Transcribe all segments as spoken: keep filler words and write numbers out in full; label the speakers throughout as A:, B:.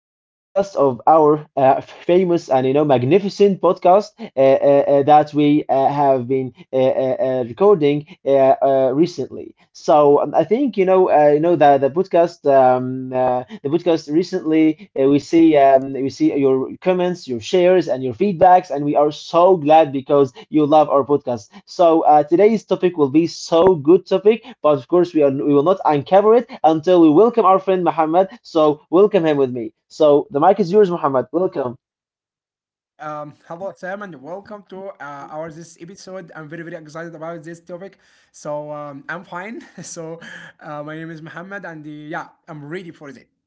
A: new podcast of our uh, famous and you know magnificent podcast uh, uh, uh, that we uh, have been uh, uh, uh, recording uh, uh, recently. So um, I think you know uh, you know the the podcast um, uh, the podcast recently uh, we see um, we see your comments, your shares, and your feedbacks, and we are so glad because you love our podcast. So uh, today's topic will be so good topic, but of course we are we will not uncover it until we welcome our friend Muhammad. So welcome him with me. So the mic is yours, Muhammad. Welcome.
B: Um, hello Sam and welcome to uh, our this episode. I'm very very excited about this topic. So um, I'm fine. So uh, my name is Muhammad and uh, yeah, I'm ready for it.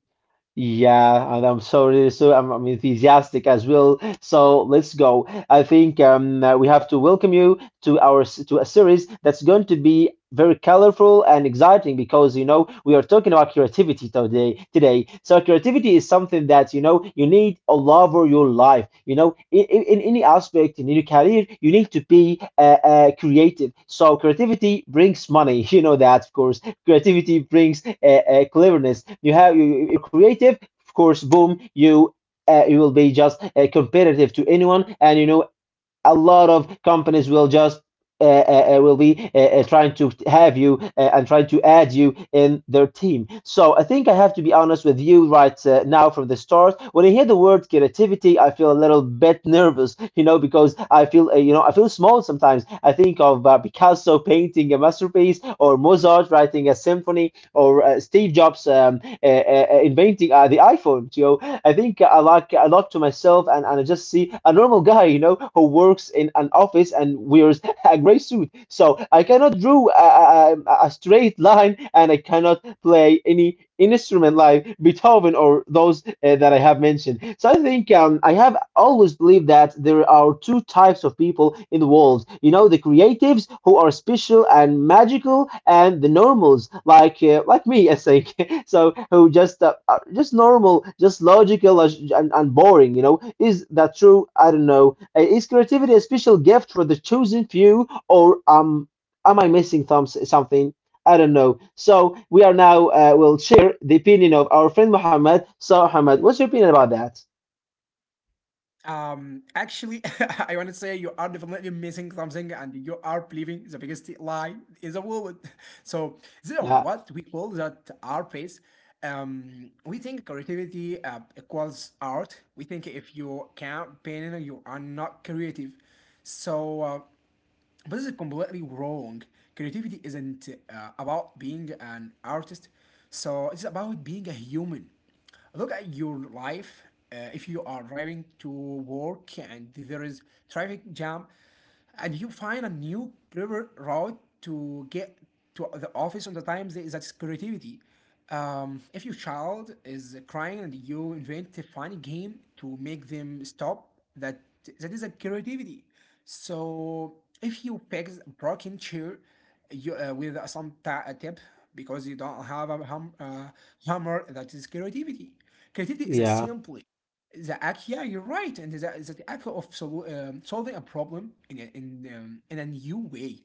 A: Yeah, and I'm sorry, so I'm, I'm enthusiastic as well. So let's go. I think um, uh, we have to welcome you to our s- to a series that's going to be very colorful and exciting because you know we are talking about creativity today. Today, so creativity is something that you know you need all over your life. You know, in, in, in any aspect in your career, you need to be uh, uh, creative. So creativity brings money. You know that, of course creativity brings uh, uh, cleverness. You have you, you're creative, of course. Boom, you uh, you will be just uh, competitive to anyone, and you know a lot of companies will just uh, uh, uh, will be uh, uh, trying to have you uh, and trying to add you in their team. So I think I have to be honest with you right uh, now from the start. When I hear the word creativity, I feel a little bit nervous, you know, because I feel uh, you know I feel small sometimes. I think of uh, Picasso painting a masterpiece, or Mozart writing a symphony, or uh, Steve Jobs um, uh, uh, inventing uh, the iPhone. You know, I think I like a lot to myself and, and I just see a normal guy, you know, who works in an office and wears a gray suit. So I cannot draw a, a, a straight line and I cannot play any instrument like Beethoven or those uh, that I have mentioned. So I think um, I have always believed that there are two types of people in the world. You know, the creatives who are special and magical, and the normals like uh, like me. I think so, who just uh, are just normal, just logical, as- and, and boring. You know, is that true? I don't know. Uh, is creativity a special gift for the chosen few, or um am I missing thumbs something? I don't know. So we are now uh, will share the opinion of our friend Muhammad. So Muhammad, what's your opinion about that?
B: Um, actually, I want to say you are definitely missing something and you are believing the biggest lie in the world. So this is
A: Yeah,
B: what we call that our place. Um, we think creativity uh, equals art. We think if you can't paint, you are not creative. So uh, But this is completely wrong. Creativity isn't uh, about being an artist, so it's about being a human. Look at your life. Uh, if you are driving to work and there is traffic jam, and you find a new river route to get to the office on the times that's creativity. Um, if your child is crying and you invent a funny game to make them stop, that that is a creativity. So if you fix a broken chair you, uh, with some ta- a tip because you don't have a hum- uh, hammer, that is creativity. Creativity is a
A: yeah.
B: simply the act. Yeah, you're right, and the, the act of sol- um, solving a problem in a, in um, in a new way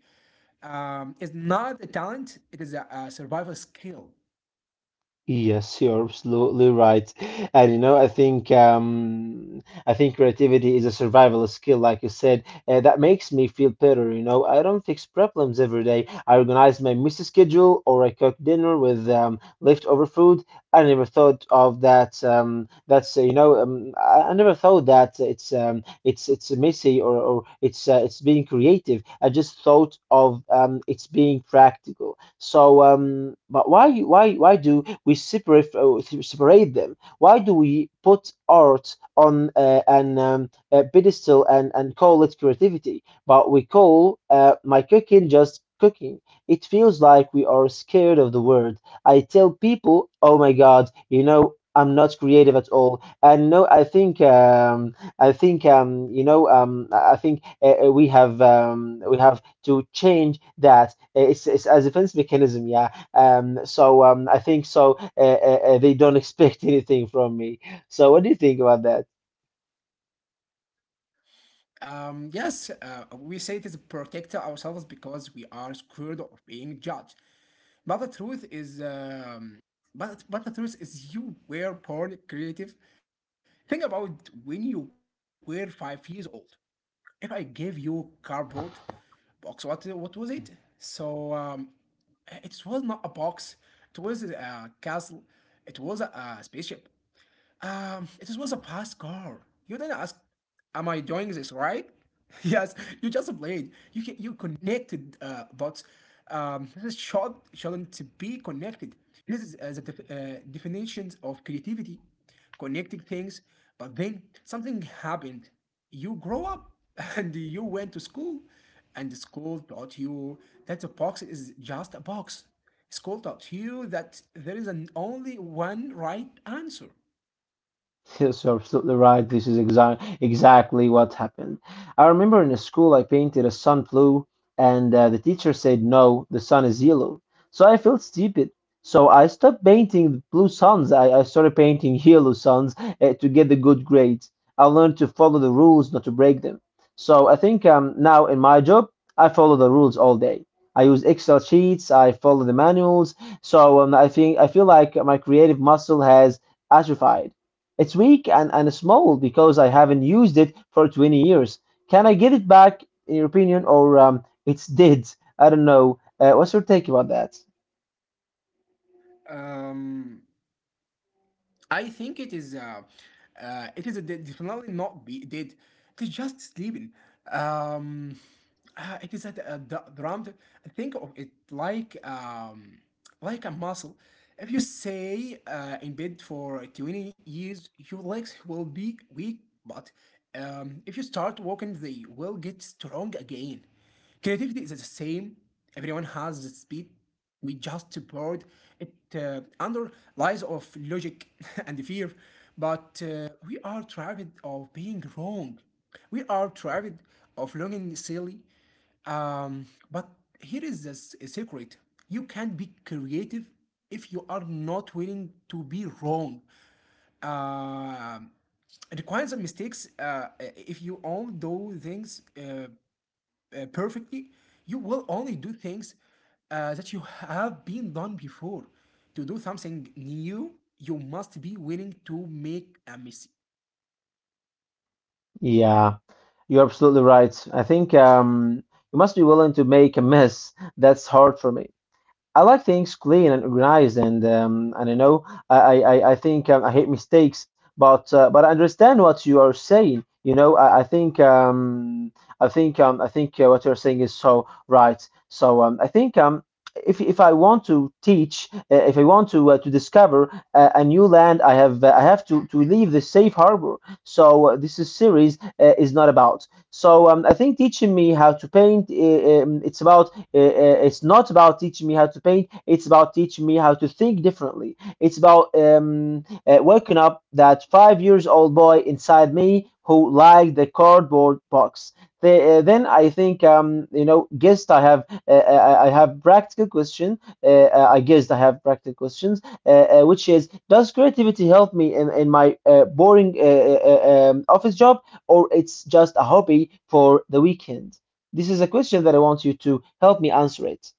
B: um, is not a talent, it is a, a survival skill.
A: Yes, you're absolutely right. And you know, I think um I think creativity is a survival skill, like you said. Uh, that makes me feel better, you know. I don't fix problems every day. I organize my messy schedule or I cook dinner with um leftover food. I never thought of that. Um that's, uh, you know, um, I, I never thought that it's um it's it's messy, or or it's uh, it's being creative. I just thought of um it's being practical. So, um, but why why why do we separate uh, separate them? Why do we put art on uh, an um, a pedestal and and call it creativity, but we call uh, my cooking just cooking? It feels like we are scared of the word. I tell people, oh my God, you know, I'm not creative at all, and no, I think um, I think um, you know um, I think uh, uh, we have um, we have to change that. Eh, It's, it's a defense mechanism, yeah. Um, so um, I think so. Uh, uh, uh, they don't expect anything from me. So what do you think about that?
B: Um, yes, uh, we say it is protect ourselves because we are scared of being judged. But the truth is, um, but, but the truth is, you were born creative. Think about when you were five years old. If I gave you cardboard box, what what was it? So um, it was not a box. It was a castle. It was a spaceship. Um, it was a pass card. You didn't ask, am I doing this right? Yes, you just played. You can, you connected uh, dots. Um, this is shot shouldn't be connected. This is uh, the def- uh, definitions of creativity connecting things. But then something happened. You grow up and you went to school, and the school taught you that a box is just a box. School taught you that there is an only one right answer.
A: Yes, you're absolutely right. This is exa- exactly what happened. I remember in a school I painted a sun blue, and uh, the teacher said, "No, the sun is yellow." So I felt stupid. So I stopped painting the blue suns. I, I started painting yellow suns uh, to get the good grades. I learned to follow the rules, not to break them. So I think um, now in my job, I follow the rules all day. I use Excel sheets, I follow the manuals. So um, I think I feel like my creative muscle has atrophied. It's weak and, and small because I haven't used it for twenty years. Can I get it back, in your opinion, or um, it's dead? I don't know. Uh, what's your take about that?
B: Um, I think it is. Uh, uh, it is a de- definitely not be dead. It is just sleeping. Um, uh, it is a, a d- drummed. Think of it like um, like a muscle. If you stay uh, in bed for twenty years, your legs will be weak. But um, if you start walking, they will get strong again. Creativity is the same. Everyone has the speed. We just board it uh, under lies of logic and fear. But uh, we are tired of being wrong. We are tired of looking silly. Um, but here is the s- secret you can't be creative if you are not willing to be wrong. Um, it requires mistakes uh, if you only do things uh, uh, perfectly, you will only do things uh, that you have been done before. To do something new, you must be willing to make a mistake.
A: Yeah, you're absolutely right. I think um, you must be willing to make a mess. That's hard for me. I like things clean and organized, and um, and I know I I, I think um, I hate mistakes, but uh, but I understand what you are saying. You know, I, I think um, I think um, I think uh, what you're saying is so right. So um, I think um, if if I want to teach, uh, if I want to uh, to discover a, a new land, I have uh, I have to to leave the safe harbor. So uh, this is series uh, is not about. So um, I think teaching me how to paint, uh, um, it's about uh, it's not about teaching me how to paint, it's about teaching me how to think differently, it's about um, uh, waking up that five years old boy inside me who liked the cardboard box, the, uh, then I think um, you know guessed I have uh, I I have practical question, uh, I guessed I have practical questions, uh, uh, which is, does creativity help me in, in my uh, boring uh, uh, uh, um, office job, or it's just a hobby for the weekend? This is a question that I want you to help me answer it.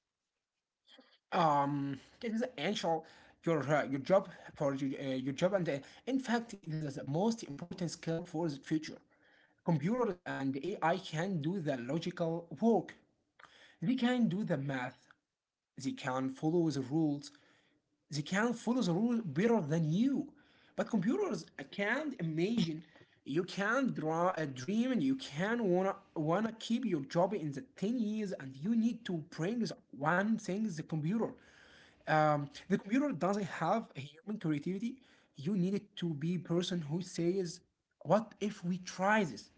B: Um, it is essential your uh, your job for your, uh, your job, and uh, in fact, it is the most important skill for the future. Computers and A I can do the logical work. They can do the math. They can follow the rules. They can't follow the rule better than you. But computers can't imagine. You can draw a dream and you can wanna wanna keep your job in the ten years and you need to bring the one thing the computer um, the computer doesn't have a human creativity. You need it to be person who says, "What if we try this?"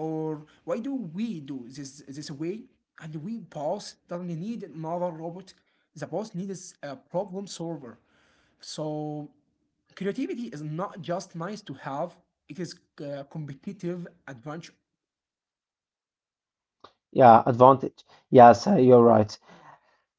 B: or "Why do we do this this way?" And we boss doesn't need another robot. The boss needs a problem solver. So creativity is not just nice to have; it is a competitive advantage.
A: Yeah, advantage. Yes, uh, you're right.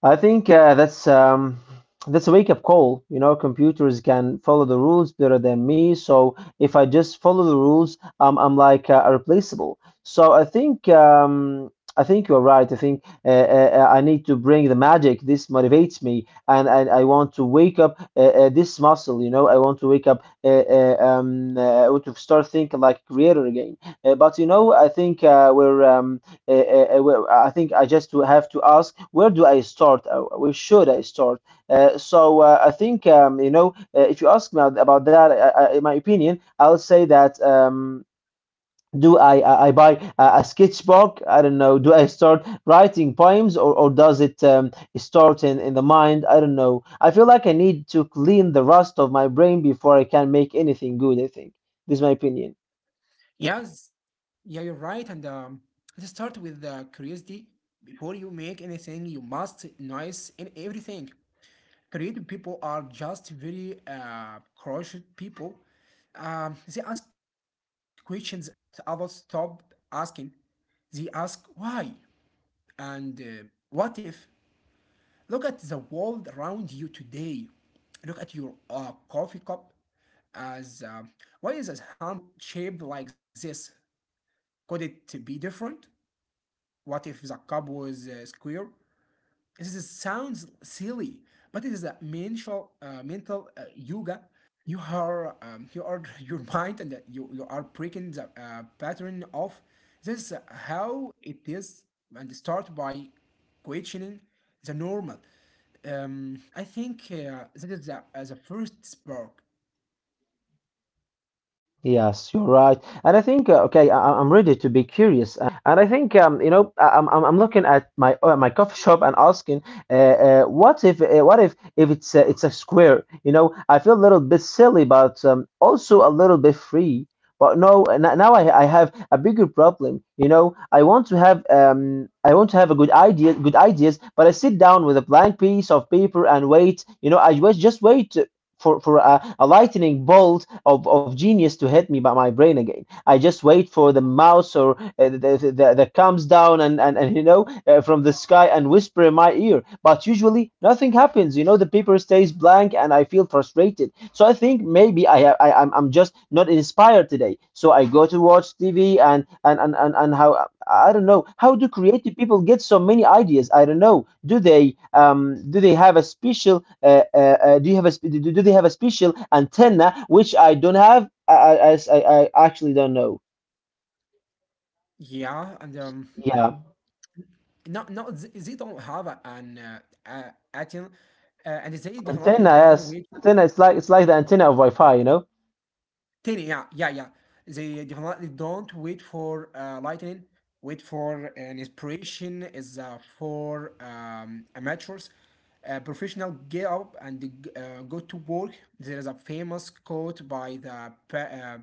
A: I think uh, that's um, that's a wake-up call. You know, computers can follow the rules better than me. So if I just follow the rules, um, I'm like uh, replaceable. So I think um, I think you're right. I think uh, uh, uh, I need to bring the magic. This motivates me, and and I want to wake up uh, uh, this muscle. You know, I want to wake up. Uh, uh, um, uh, I want to start thinking like a creator again. Uh, but you know, I think uh, we're um, uh, uh, uh, well, I think I just have to ask, where do I start? Uh, Where should I start? Uh, so uh, I think um, you know uh, if you ask me about that, I, I, in my opinion, I'll say that. Um, do I, I I buy a, a sketchbook? I don't know. Do I start writing poems, or, or does it um, start in, in the mind? I don't know. I feel like I need to clean the rust of my brain before I can make anything good, I think. This is my opinion.
B: Yes, yeah, you're right. And um, let's start with uh, curiosity. Before you make anything, you must nice in everything. Creative people are just very uh, cautious people. Um, they ask questions uh, that others stop asking. They ask why and uh, what if. Look at the world around you today. Look at your uh, coffee cup as uh, why is this handle shaped like this? Could it be different? What if the cup was uh, square? This- is- sounds silly, but it is a mental, uh, mental uh, yoga. You are, um, you are your mind, and uh, you you are breaking the uh, pattern of this. Is how it is, and start by questioning the normal. Um, I think uh, that is the, uh, the first spark.
A: Yes, you're right, and I think uh, okay, I, I- am ready to be curious, uh, and I think um, you know, I, I'm I'm I'm looking at my uh, my coffee shop and asking, uh, uh, what if uh, what if if it's a, it's a square? You know, I feel a little bit silly, but um, also a little bit free. But no, n- now I I have a bigger problem. You know, I want to have um, I want to have a good idea, good ideas, but I sit down with a blank piece of paper and wait. You know, I was just wait for for a, a lightning bolt of, of genius to hit me by my brain again. I just wait for the mouse or uh, the, the, that comes down and and, and you know uh, from the sky and whisper in my ear. But usually nothing happens. You know the paper stays blank and I feel frustrated. So I think maybe I I I'm, I'm just not inspired today. So I go to watch T V and and and and, and how, I don't know. How do creative people get so many ideas? I don't know. Do they um do they have a special uh, uh, uh do you have a sp- do, do they have a special antenna which I don't have? I I, I, I I actually don't know.
B: Yeah, and um,
A: Yeah,
B: no, no, they, they don't have a- an uh, uh, A T M, uh, and they
A: antenna.
B: definitely don't
A: Yes,
B: wait.
A: antenna. It's like it's like the antenna of Wi-Fi. You know.
B: Tiny, yeah, yeah, yeah. They definitely don't wait for uh, lightning. Wait for an inspiration is uh, for um, amateurs. Uh, professional get up and uh, go to work. There is a famous quote by the pa- uh,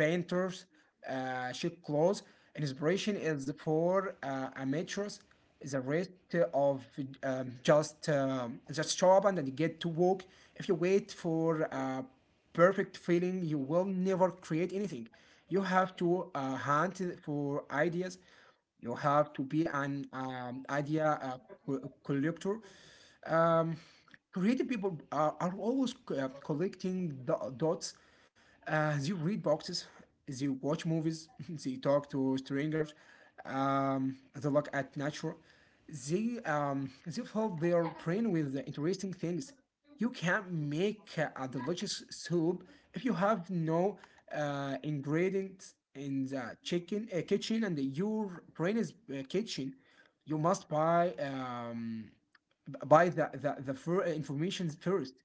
B: painters, uh, cheap clothes. Inspiration is for uh, amateurs. The rest of um, just um, just shop and then get to work. If you wait for a perfect feeling, you will never create anything. You have to uh, hunt for ideas. You have to be an um, idea uh, co- collector. Um, creative people are, are always uh, collecting do- dots. Uh, they read boxes, they watch movies, they talk to strangers, um, they look at nature. They um, they fill their brain with interesting things. You can't make a delicious soup if you have no uh, ingredients in the chicken uh, kitchen and your brain is uh, kitchen. You must buy um, b- buy the the, the fir- information first.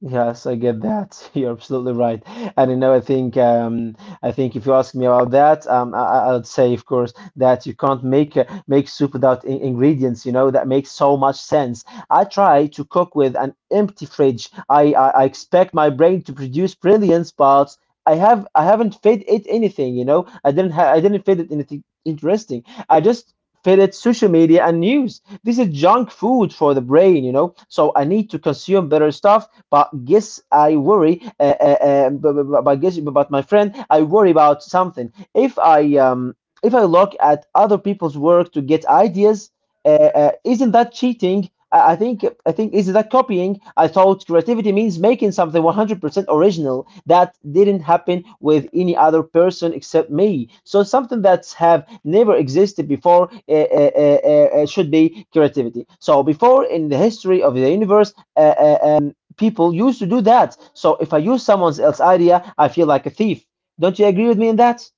A: Yes, I get that. You're absolutely right. And you know, I think um, I think if you ask me about that, um, I, I- I'd say, of course, that you can't make uh, make soup without in ingredients. You know, that makes so much sense. I try to cook with an empty fridge. I, I, I expect my brain to produce brilliance, but I have I haven't fed it anything. You know, I didn't ha I didn't feed it anything interesting. I just fed it social media and news. This is junk food for the brain. You know, so I need to consume better stuff but guess I worry. Uh, uh, but, but, but guess, but my friend, I worry about something. If I um, if I look at other people's work to get ideas, uh, uh, isn't that cheating? I I think I think is that copying? I thought creativity means making something one hundred percent original that didn't happen with any other person except me. So something that's have never existed before uh, uh, uh, uh, uh, should be creativity. So before in the history of the universe, uh, uh, um, people used to do that. So if I use someone else's idea, I feel like a thief. Don't you agree with me in that?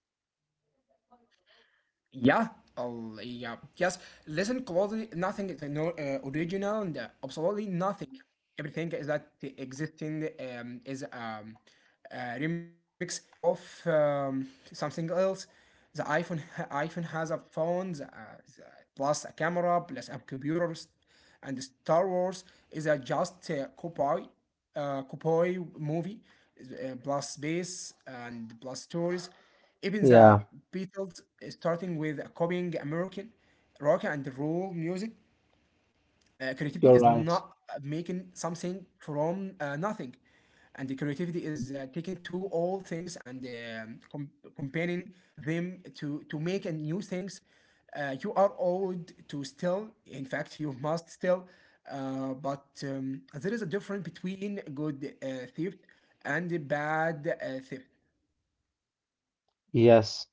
B: Yeah, oh, yeah, yes. Listen closely. Nothing is no, uh, original, and uh, absolutely nothing. Everything is that the existing um, is um, a remix of um, something else. The iPhone iPhone has a phone, the, uh, the, plus a camera, plus a computer, and Star Wars is a just uh, copy, uh, copy movie, uh, plus space and plus stories. Even the
A: Yeah,
B: Beatles, uh, starting with a copying American rock and roll music, uh, creativity
A: you're
B: is
A: right.
B: not uh, making something from uh, nothing. And the creativity is uh, taking two old things and um, com- comparing them to, to make a new things. Uh, you are old to still, in fact, you must still, uh, but um, there is a difference between good uh, theft and bad uh, theft.
A: Yes,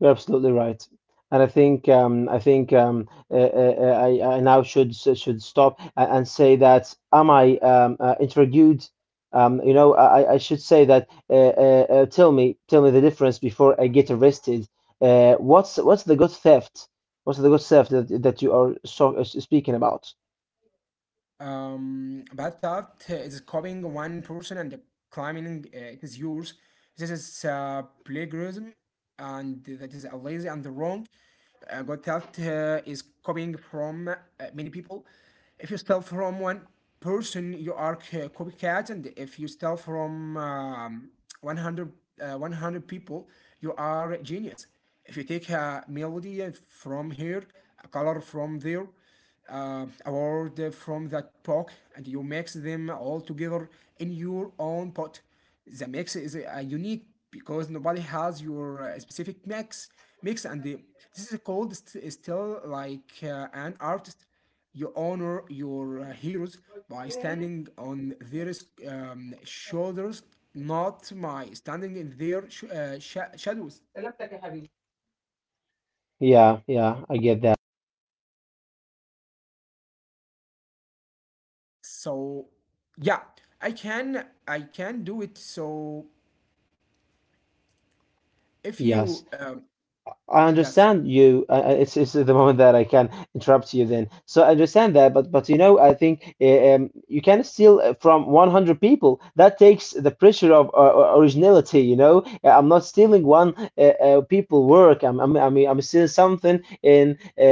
A: you're absolutely right. And I think um, I think um, uh, uh, uh, I, I now should should stop a- and say that am I um, uh, interviewed? Um, you know, I, I I should say that. Uh, uh, uh, tell me, tell me the difference before I get arrested. Uh, what's what's the good theft? What's the good theft that that you are so uh, speaking about?
B: Um, but that is copying one person and claiming uh, it is yours. This is uh, plagiarism, and that is a lazy and wrong. Uh, got that uh, is copying from uh, many people. If you steal from one person, you are c- copycat, and if you steal from um, one hundred, uh, one hundred people, you are genius. If you take a melody uh, from here, a color from there, uh, award from that pot and you mix them all together in your own pot. The mix is uh, unique because nobody has your uh, specific mix. Mix and the, this is called st- still like uh, an artist. You honor your uh, heroes by standing on their um, shoulders, not by standing in their sh- uh, sha shadows.
A: Yeah, yeah, I get that.
B: So yeah, I can I can do it. So if
A: Yes,
B: you, um,
A: I
B: yes,
A: understand you. Uh, uh, it's it's the moment that I can interrupt you then. So I understand that, but but you know, I think uh, um, you can steal uh, from one hundred people. That takes the pressure of uh, uh, originality, you know. Uh, I'm not stealing one uh, uh, people work. I'm I'm I mean I'm stealing something in uh,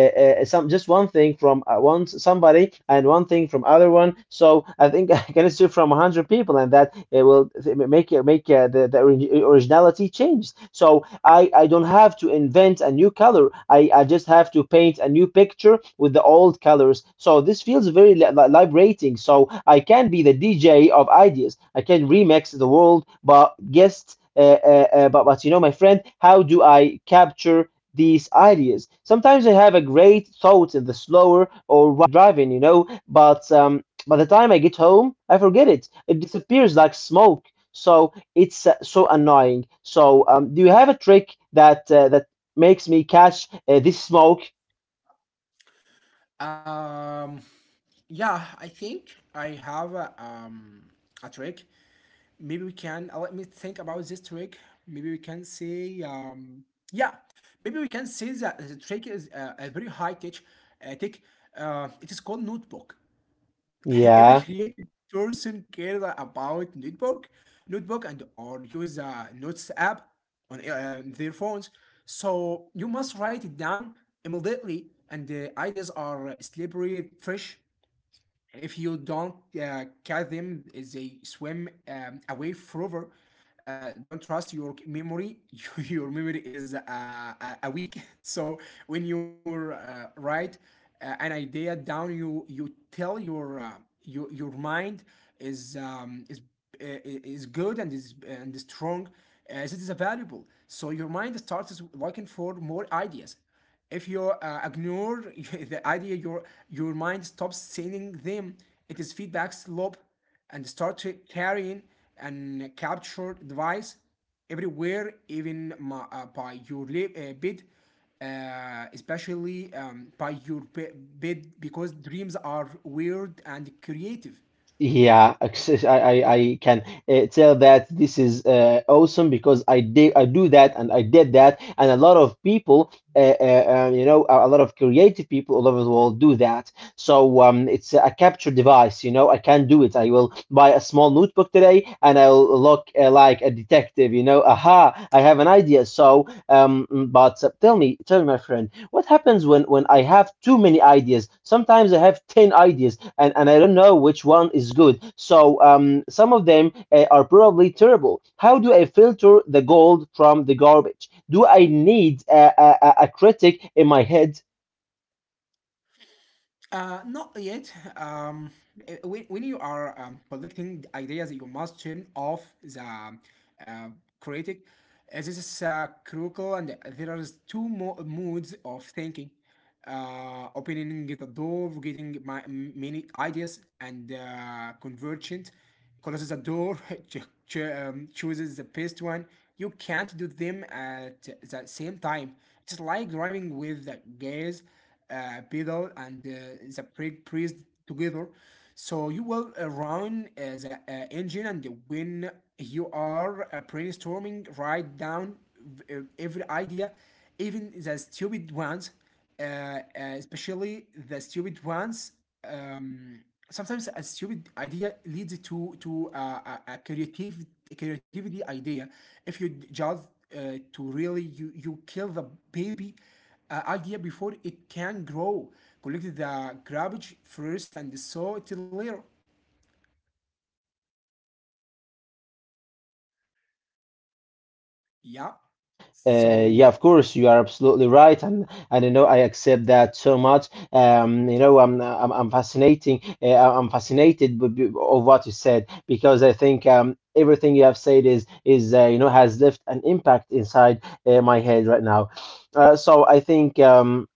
A: uh, some just one thing from uh, one somebody and one thing from other one. So I think I can assume from one hundred people, and that it will make make uh, the, the originality change. So I I don't have to invent a new color. I I just have to paint a new picture with the old colors. So this feels very li- li- liberating. So I can be the D J of ideas. I can remix the world, but guests. Uh, uh, uh, but but you know, my friend, how do I capture these ideas? Sometimes I have a great thought in the slower or while driving, you know, but um, by the time I get home, I forget it. It disappears like smoke. So it's uh, so annoying. So um, do you have a trick that uh, that makes me catch uh, this smoke?
B: um, yeah, I think I have a, um, a trick. Maybe we can, uh, let me think about this trick. Maybe we can say, um, yeah, maybe we can say that the trick is uh, a very high tech, uh, tech. Uh, it is called notebook. Every
A: Yeah.
B: creative person cares about notebook notebook and or use a notes app on uh, um, their phones so you must write it down immediately and the ideas are slippery fresh if you don't uh, catch them they swim um, away forever uh, don't trust your memory your memory is uh, a- weak so when you're uh, write uh, an idea down you you tell your uh, your, your mind is um, is uh, is good and is and is strong as it is valuable so your mind starts looking for more ideas if you uh, ignore the idea, your your mind stops sending them. It is feedback loop, and start to carrying and capture device everywhere, even my, uh, by your lip, uh, bed, uh, especially um, by your be- bed, because dreams are weird and creative.
A: Yeah, access- I, I, I can uh, tell that this is uh, awesome because I did I do that and I did that and a lot of people uh, uh, uh, you know a a lot of creative people all over the world do that. So um, it's a capture device, you know. I can do it. I will buy a small notebook today and I'll look uh, like a detective, you know. Aha, I have an idea. So um, mm, but uh, tell me, tell me, my friend, what happens when, when I have too many ideas? Sometimes I have ten ideas and, and I don't know which one is good. So um, some of them uh, are probably terrible. How do I filter the gold from the garbage? Do I need a, a, a a critic in my head?
B: Uh, not yet. Um, uh, when, when you are um, collecting ideas, you must turn off the uh, critic. Uh, This is uh, critical, and there are two mo- moods of thinking. Uh, opening the door, getting my, m- many ideas, and uh, convergent closes the door, cho- cho- um, chooses the best one. You can't do them at the same time. It's like driving with the gas uh, pedal and uh, the brake pressed together. So you will uh, run uh, the uh, engine, and when you are uh, brainstorming, write down v- uh, every idea, even the stupid ones, uh, uh, especially the stupid ones. Um, Sometimes a stupid idea leads to to uh, a, a creative a creativity idea. If you just uh, to really you you kill the baby uh, idea before it can grow. Collect the garbage first and sow it later. Yeah.
A: Uh,
B: So
A: yeah, of course, you are absolutely right, and and you know I accept that so much. Um, you know, I'm I'm, I'm fascinating. Uh, I'm fascinated b- b- of what you said because I think um everything you have said is is uh, you know has left an impact inside uh, my head right now. Uh, so I think um.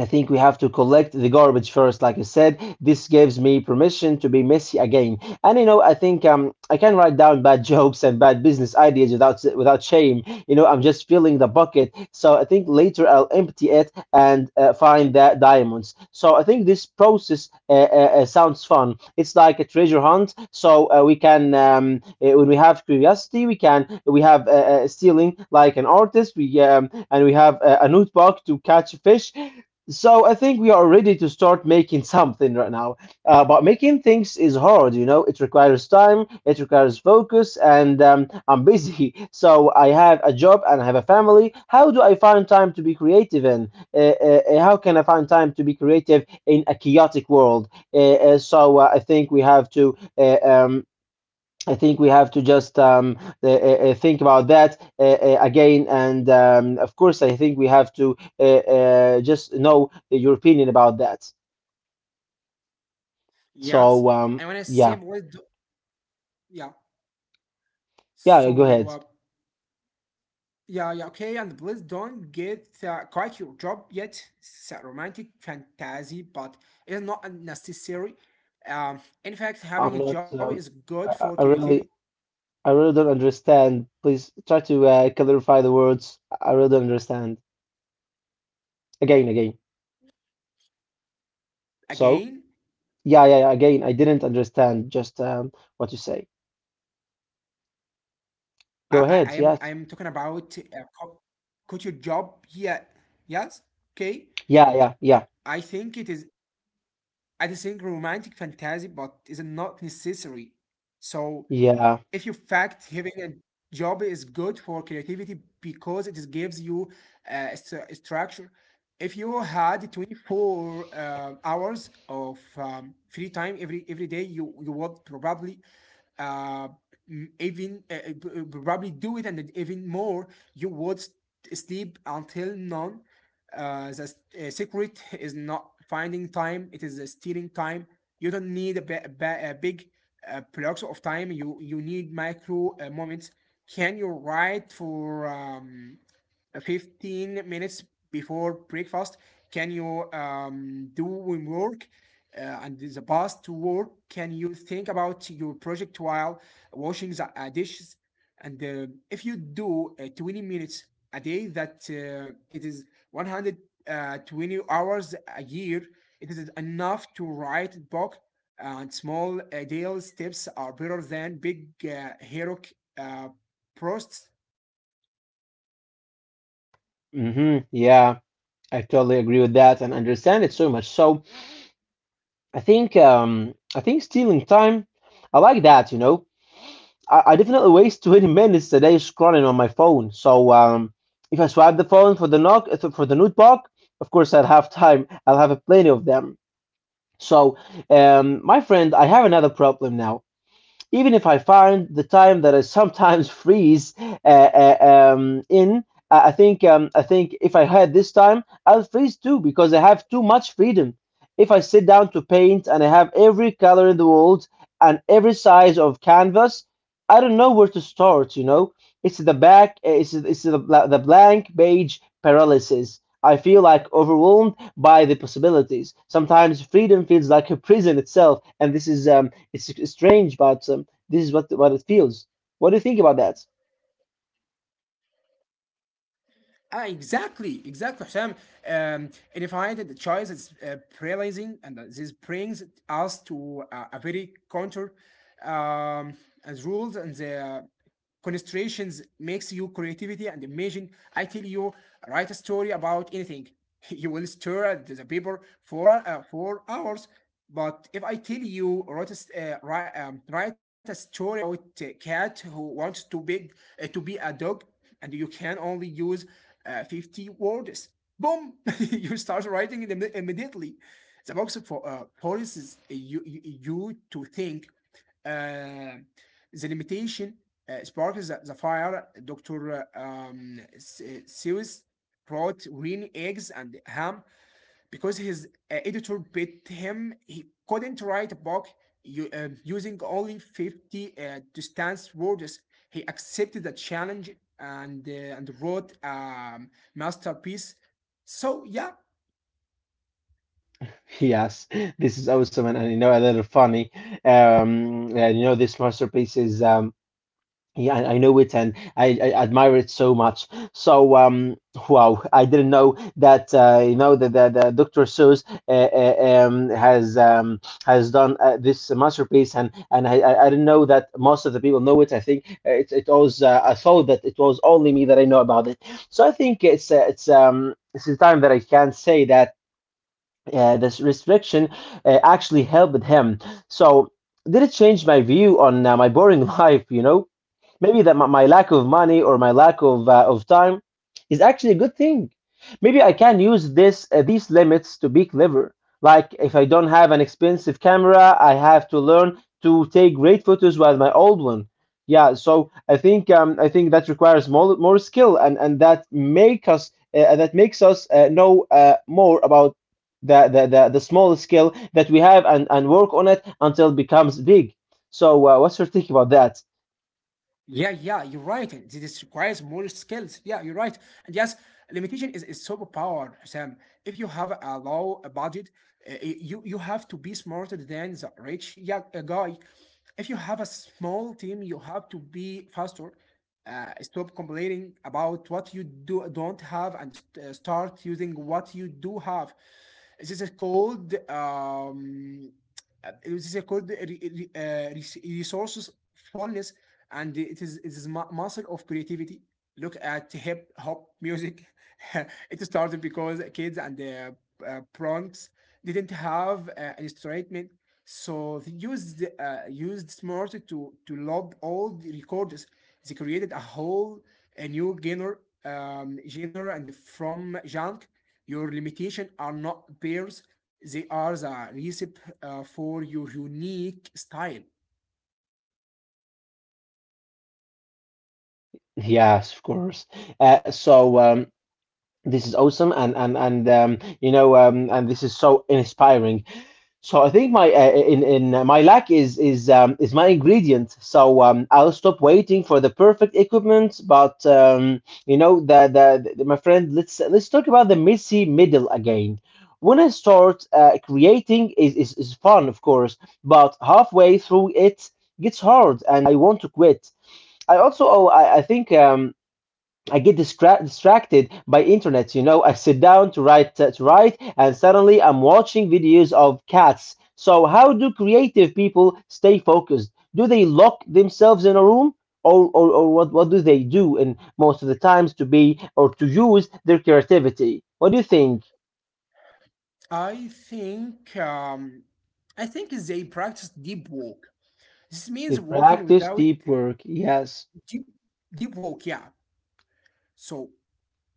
A: I think we have to collect the garbage first, like I said. This gives me permission to be messy again. And you know, I think um, I can write down bad jokes and bad business ideas without without shame. You know, I'm just filling the bucket. So I think later I'll empty it and uh, find the diamonds. So I think this process uh, uh, uh, sounds fun. It's like a treasure hunt. So uh, we can, um, uh, when we have curiosity, we can we have uh, uh, stealing like an artist. We um, and we have a, a notebook to catch fish, so I think we are ready to start making something right now. Uh, but making things is hard, you know. It requires time, it requires focus, and um, I'm busy. So I have a job and I have a family. How do I find time to be creative? And uh, uh, uh, how can I find time to be creative in a chaotic world? Uh, uh, so uh, I think we have to uh, um, I think we have to just um, uh, uh, uh, Think about that uh, uh, again. And um, of course, I think we have to uh, uh, just know your opinion about that.
B: yes,
A: So
B: I
A: um,
B: wanna say
A: yeah,
B: please. Do- yeah.
A: yeah, go
B: So
A: ahead.
B: uh, yeah, yeah, okay, and please don't get uh, quite your job yet. It's a romantic fantasy, but it's not necessary. Um, in fact,
A: I'm
B: having a
A: not.
B: job is
A: Um,
B: good
A: I,
B: for
A: I I
B: creativity.
A: really, I really don't understand. Please try to uh, clarify the words. I really don't understand. Again, again. So
B: Again,
A: yeah, yeah, yeah. Again, I didn't understand just um, what you say.
B: I,
A: Go
B: I, I
A: ahead.
B: am I
A: Yes.
B: am talking about uh, co- quit your job. Yeah, yes, okay.
A: Yeah, yeah, yeah,
B: I think it is I think romantic fantasy, but is not necessary. So
A: yeah.
B: if you fact having a job is good for creativity because it is gives you uh, stru- structure if you had twenty-four uh, hours of um, free time every every day you you would probably uh, m- even uh, uh, p- uh, probably do it and even more you would s- sleep until none uh, the s- uh, secret is not finding time it is uh, stealing time. You don't need a, ba- a ba- a big uh, blocks of time. You you need micro uh, moments. Can you write for um, uh, fifteen minutes before breakfast? Can you um, do homework uh, and the past to work? Can you think about your project while washing the uh, dishes? And uh, if you do uh, twenty minutes a day, that uh, it is one hundred twenty hours a year, it is enough to write book. And small uh, deal steps are better than big uh, heroic uh, prosts.
A: Mm-hmm. Yeah. I totally agree with that and understand it so much. So I think um, I think stealing time, I like that. You know, I, I definitely waste twenty minutes a day scrolling on my phone. So um, if I swipe the phone for the knock uh, for the notebook, of course I'll have time. I'll have plenty of them. So um, my friend, I have another problem now even if I find the time that I sometimes freeze uh, uh, um, in, I think um, I think if I had this time, I'll freeze too because I have too much freedom. If I sit down to paint and I have every color in the world and every size of canvas, I don't know where to start. You know, it's the back, uh, it's it's the, the blank page paralysis. I feel like overwhelmed by the possibilities. Sometimes freedom feels like a prison itself, and this is um, it's strange, but um, this is what what it feels. What do you think about that?
B: Ah, exactly, exactly, Hashem. Um, and if I did the choice, it's uh, paralyzing, and uh, this brings us to uh, a very counter um, as rules, and the constraints makes you creativity and imagine. I tell you, write a story about anything. You will stare at the paper for an- uh, for hours. But if I tell you write a, s- uh, write, um, write a story about a cat who wants to big uh, to be a dog, and you can only use uh, fifty words. Boom! You start writing it imme- immediately. The box for uh, policies uh, you, you, you to think. Uh, the limitation uh, sparks the, the fire. doctor uh, Um, S- uh, Seuss brought green eggs and ham because his uh, editor bit him. He couldn't write a book, You, uh, using only fifty uh, distance words. He accepted the challenge and uh, and wrote a um, masterpiece. So yeah.
A: Yes, this is awesome and, and you know a little funny. Um, and you know this masterpiece is um yeah, I I know it and I, I admire it so much. So, um, wow, I didn't know that uh, you know that the, the doctor Seuss uh, uh, um, has um, has done uh, this masterpiece, and and I, I I didn't know that most of the people know it. I think uh, it it was uh, I thought that it was only me that I know about it. So I think it's uh, it's um it's the time that I can say that uh, this restriction uh, actually helped him. So did it change my view on uh, my boring life? You know. Maybe that my my lack of money or my lack of uh, of time is actually a good thing. Maybe I can use this uh, these limits to be clever. Like if I don't have an expensive camera, I have to learn to take great photos with my old one. Yeah, so I think um, I think that requires more more skill and and that make us uh, uh, that makes us uh, know uh, more about the, the the the small skill that we have and and work on it until it becomes big. So uh, what's your take about that?
B: Yeah, yeah, you're right. This requires more skills. Yeah, you're right. And yes, limitation is is superpower, Sam. If you have a low budget, uh, you you have to be smarter than the rich. Yeah, uh, guy. If you have a small team, you have to be faster. Uh, stop complaining about what you do don't have, and st- uh, start using what you do have. This is called um, uh, it is called uh, uh, resources fullness, and it is it is muscle of creativity. Look at hip hop music. It started because kids and the uh, bronx didn't have uh, an instrument, so they used uh, used smart to to lob all the records. They created a whole a new genre um, genre, and from junk your limitation are not bears, they are the recipe uh, for your unique style.
A: Yes, of course. Uh, so um, this is awesome, and and and um, you know, um, and this is so inspiring. So I think my uh, in in uh, my lack is is um, is my ingredient. So um, I'll stop waiting for the perfect equipment. But um, you know, the, the the my friend, let's let's talk about the messy middle again. When I start uh, creating is, is is fun, of course, but halfway through it gets hard, and I want to quit. I also oh, I, I think um. I get distra- distracted by internet. You know, I sit down to write uh, to write, and suddenly I'm watching videos of cats. So, how do creative people stay focused? Do they lock themselves in a room, or or, or what what do they do in most of the times to be or to use their creativity? What do you think?
B: I think um, I think they practice deep walk. This
A: They
B: means walking
A: practice
B: without
A: deep work. Yes.
B: deep deep walk, yeah. So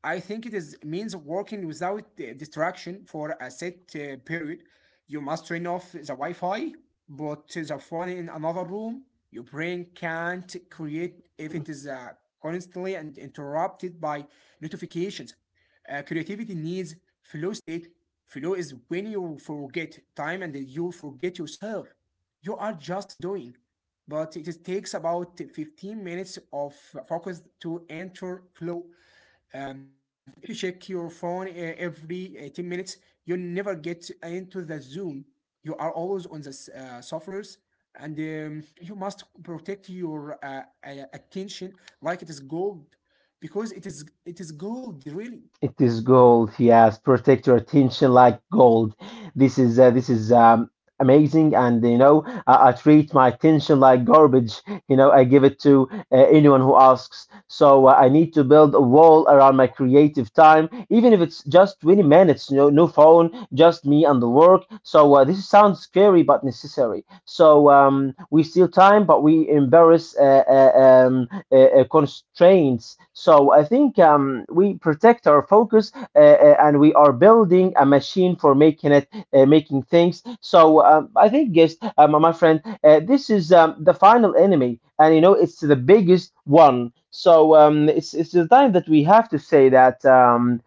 B: I think it is means working without uh, distraction for a set uh, period. You must turn off the Wi-Fi, put the phone in another room. Your brain can't create if it is uh, constantly and interrupted by notifications. Uh, creativity needs flow state. Flow is when you forget time and you forget yourself. You are just doing. But it is- takes about fifteen minutes of focus to enter flow. Um, if you check your phone uh, every uh, ten minutes, you never get into the zone. You are always on the s- uh, suffers, and um, you must protect your uh, uh, attention like it is gold, because it is it is gold really.
A: It is gold. Yes, protect your attention like gold. This is uh, this is um, amazing, and you know I, I treat my attention like garbage. You know I give it to uh, anyone who asks. So uh, I need to build a wall around my creative time, even if it's just twenty minutes. No, no phone, just me and the work. So uh, this sounds scary but necessary. So um, we steal time, but we embarrass uh, uh, um, uh, uh, constraints. So I think um, we protect our focus uh, uh, and we are building a machine for making it, uh, making things. So um, I think, yes, uh, my friend, uh, this is um, the final enemy, and you know it's the biggest one. So um, it's it's the time that we have to say that. Um,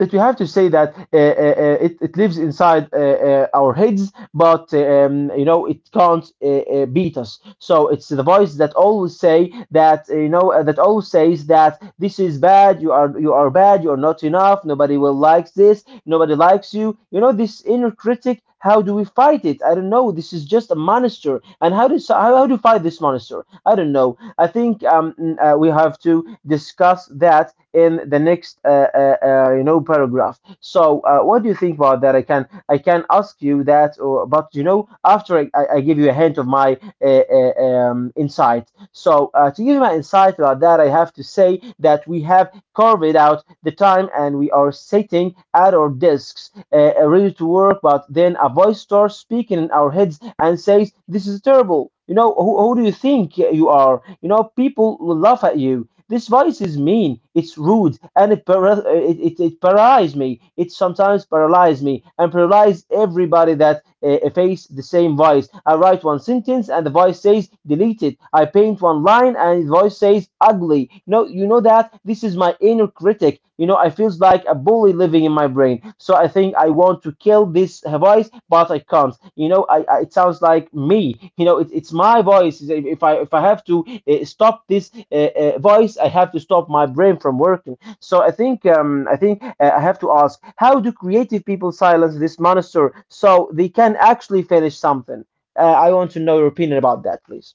A: that we have to say that uh, uh, uh, it, it lives inside uh, uh, our heads, but um, you know it can't uh, uh, beat us. So it's the voice that always say that uh, you know uh, that always says that this is bad. You are you are bad. You are not enough. Nobody will likes this. Nobody likes you. You know this inner critic. How do we fight it? I don't know. This is just a monster. And how do so- how, how do you fight this monster? I don't know. I think um, mm, uh, we have to discuss that in the next uh, uh, uh, you know paragraph. So uh, what do you think about that? I can I can ask you that, or but you know after I, I I give you a hint of my uh, uh, um, insight. So uh, to give you my insight about that, I have to say that we have carved out the time and we are sitting at our desks uh, uh, ready to work. But then a voice starts speaking in our heads and says this is terrible. You know, who, who do you think you are? You know people will laugh at you. This voice is mean, it's rude, and it para- uh, it, it, it paralyzes me. It sometimes paralyzes me and paralyzes everybody that uh, uh, face the same voice. I write one sentence and the voice says delete it. I paint one line and the voice says ugly. You know, you know that that this is my inner critic. You know I feels like a bully living in my brain. So I think I want to kill this voice, but I can't. You know I, I it sounds like me. You know it, it's my voice. If if i if i have to uh, stop this uh, uh, voice, I have to stop my brain from working. So I think um, I think uh, I have to ask, how do creative people silence this monster so they can actually finish something? uh, I want to know your opinion about that, please.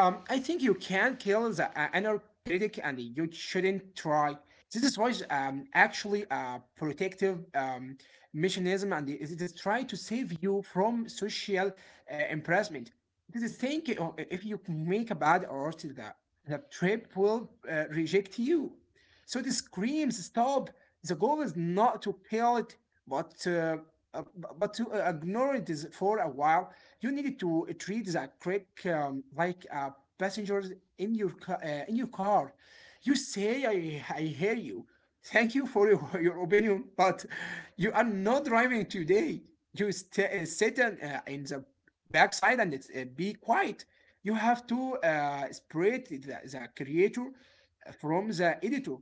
B: Um, I think you can kill the uh, inner critic and you shouldn't try. This is why um, actually a protective um, mechanism, and it is trying to save you from social uh, embarrassment. This is thinking: uh, if you make a bad art, the, the trip will uh, reject you. So the screams stop. The goal is not to kill it, but uh, uh, but to uh, ignore it is for a while. You need to treat the critic um, like uh, passengers in your ca- uh, in your car. You say, I, I hear you. Thank you for your, your opinion, but you are not driving today. You st- uh, sit in, uh, in the backside, and it's, uh, be quiet. You have to uh, separate the, the creator from the editor.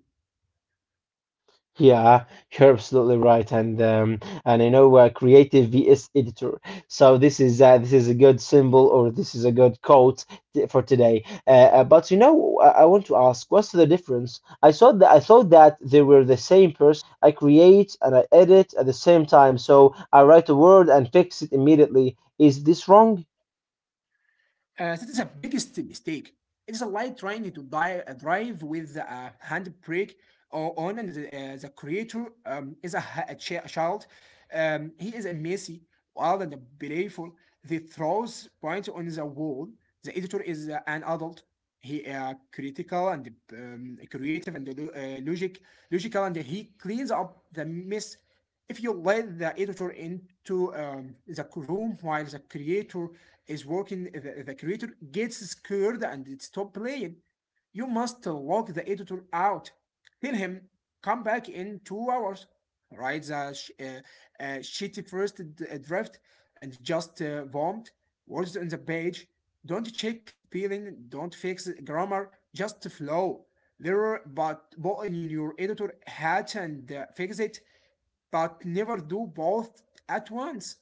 A: Yeah, you're absolutely right, and um, and I know uh, creative vs editor. So this is uh, this is a good symbol, or this is a good quote t- for today. Uh, uh, but you know, I-, I want to ask, what's the difference? I thought that I thought that they were the same person. I create and I edit at the same time, so I write a word and fix it immediately. Is this wrong?
B: Uh, that is a biggest mistake. It is like trying to di- uh, drive with a handbrake o- on, and the, uh, the creator um, is a, ha- a, chi- a child. Um, he is a messy, wild, and playful. The throws point on the wall. The editor is uh, an adult. He uh, critical and um, creative and uh, lo- uh, logic, logical, and he cleans up the mess. If you let the editor into um, the room while the creator is working, the, the creator gets scared and it stop playing. You must lock the editor out. Tell him, come back in two hours. Write the sh- uh, uh, shitty first d- uh, draft, and just uh, vomit words on the page. Don't check spelling, don't fix grammar, just flow. There, but put in your editor hat and uh, fix it, but never do both at once.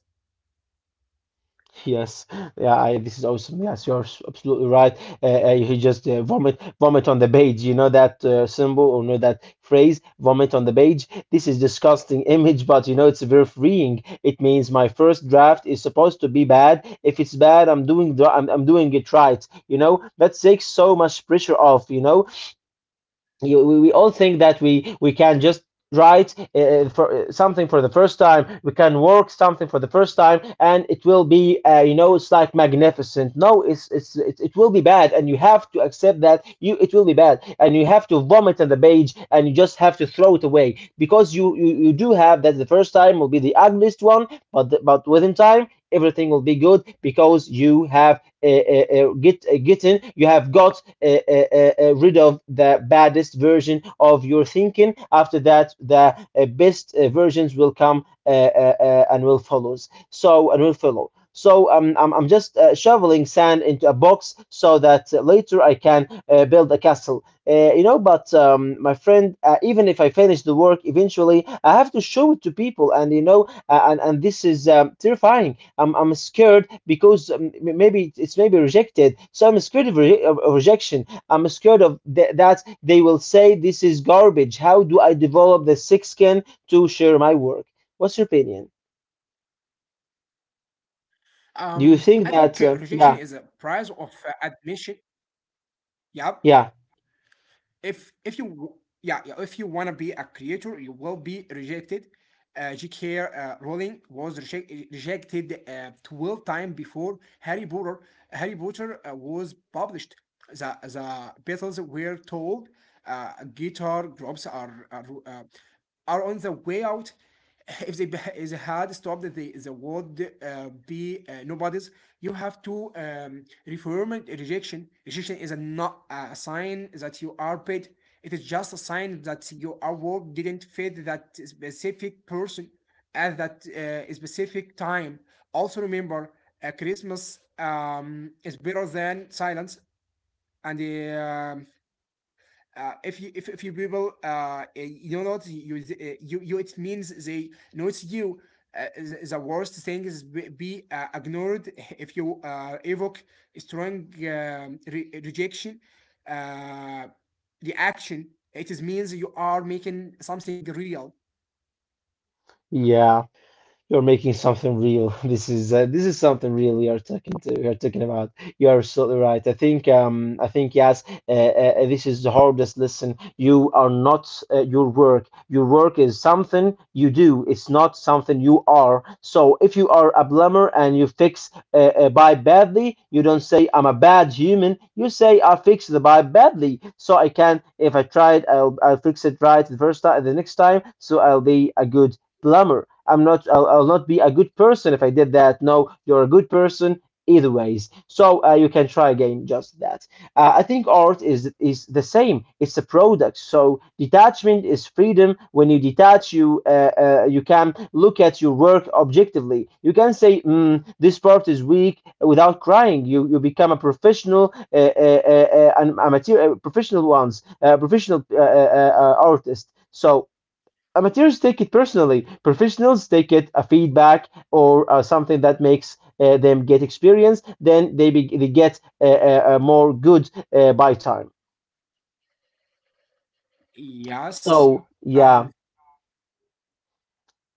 A: Yes, yeah, I, this is awesome. Yes, you're s- absolutely right. Uh, uh, he just uh, vomit, vomit on the page. You know that uh, symbol, or know that phrase, vomit on the page. This is disgusting image, but you know it's very freeing. It means my first draft is supposed to be bad. If it's bad, I'm doing dra- I'm, I'm doing it right. You know that takes so much pressure off. You know you, we, we all think that we we can just write uh, for uh, something for the first time. We can work something for the first time and it will be uh, you know, it's like magnificent. No, it's it's it, it will be bad, and you have to accept that you it will be bad, and you have to vomit on the page, and you just have to throw it away because you you, you do have that the first time will be the ugliest one, but the, but within time everything will be good because you have uh, uh, uh, get uh, getting you have got uh, uh, uh, uh, rid of the baddest version of your thinking. After that the uh, best uh, versions will come uh, uh, uh, and will follows so and will follow. So um, I'm, I'm just uh, shoveling sand into a box so that uh, later I can uh, build a castle. Uh, you know, but um, my friend, uh, even if I finish the work eventually, I have to show it to people, and you know, uh, and and this is um, terrifying. I'm I'm scared because um, m- maybe it's it's maybe rejected. So I'm scared of, re- of of rejection. I'm scared of th- that they will say this is garbage. How do I develop the thick skin to share my work? What's your opinion?
B: Um, I think uh,
A: Do
B: rejection
A: you
B: is a
A: think that?
B: price
A: Uh,
B: of uh,
A: yeah,
B: admission. Yep.
A: yeah,
B: If if you w- yeah, yeah, if you wanna be a creator, you will be rejected. Uh, J K. Uh, Rowling was reject- rejected uh, twelve times before Harry Potter. Harry Potter uh, was published. The the Beatles were told uh, guitar groups are are, uh, are on the way out. If they beh- if they had stopped the the word uh, be uh, nobodies, you have to um, reform it, rejection. Rejection is a not a sign that you are paid. It is just a sign that your award didn't fit that specific person at that uh, specific time. Also remember, uh, Christmas um, is better than silence, and uh, uh, if you if, if you people uh you know not you you uh, you, it means they know it's you. Uh, the- worst thing is be, be uh, ignored. If you uh, evoke a strong um, re- rejection uh, reaction, it is means you are making something real.
A: yeah. You're making something real. This is uh, this is something real. We are talking to, we are talking about. You are absolutely right. I think um I think yes. Uh, uh, uh, this is the hardest lesson. You are not uh, your work. Your work is something you do. It's not something you are. So if you are a plumber and you fix uh, a pipe badly, you don't say I'm a bad human. You say I fixed the pipe badly, so I can if I try it, I'll I'll fix it right the first time, the next time. So I'll be a good plumber. I'm not. I'll, I'll not be a good person if I did that. No, you're a good person either ways. So uh, you can try again. Just that. Uh, I think art is is the same. It's a product. So detachment is freedom. When you detach, you uh, uh, you can look at your work objectively. You can say, mm, "This part is weak," without crying. You you become a professional, uh, uh, uh, uh, a material, uh, professional ones, uh, professional uh, uh, uh, artist. So amateurs take it personally. Professionals take it a feedback, or uh, something that makes uh, them get experience. Then they be, they get uh, uh, uh, more good uh, by time.
B: Yes.
A: So
B: Uh,
A: yeah.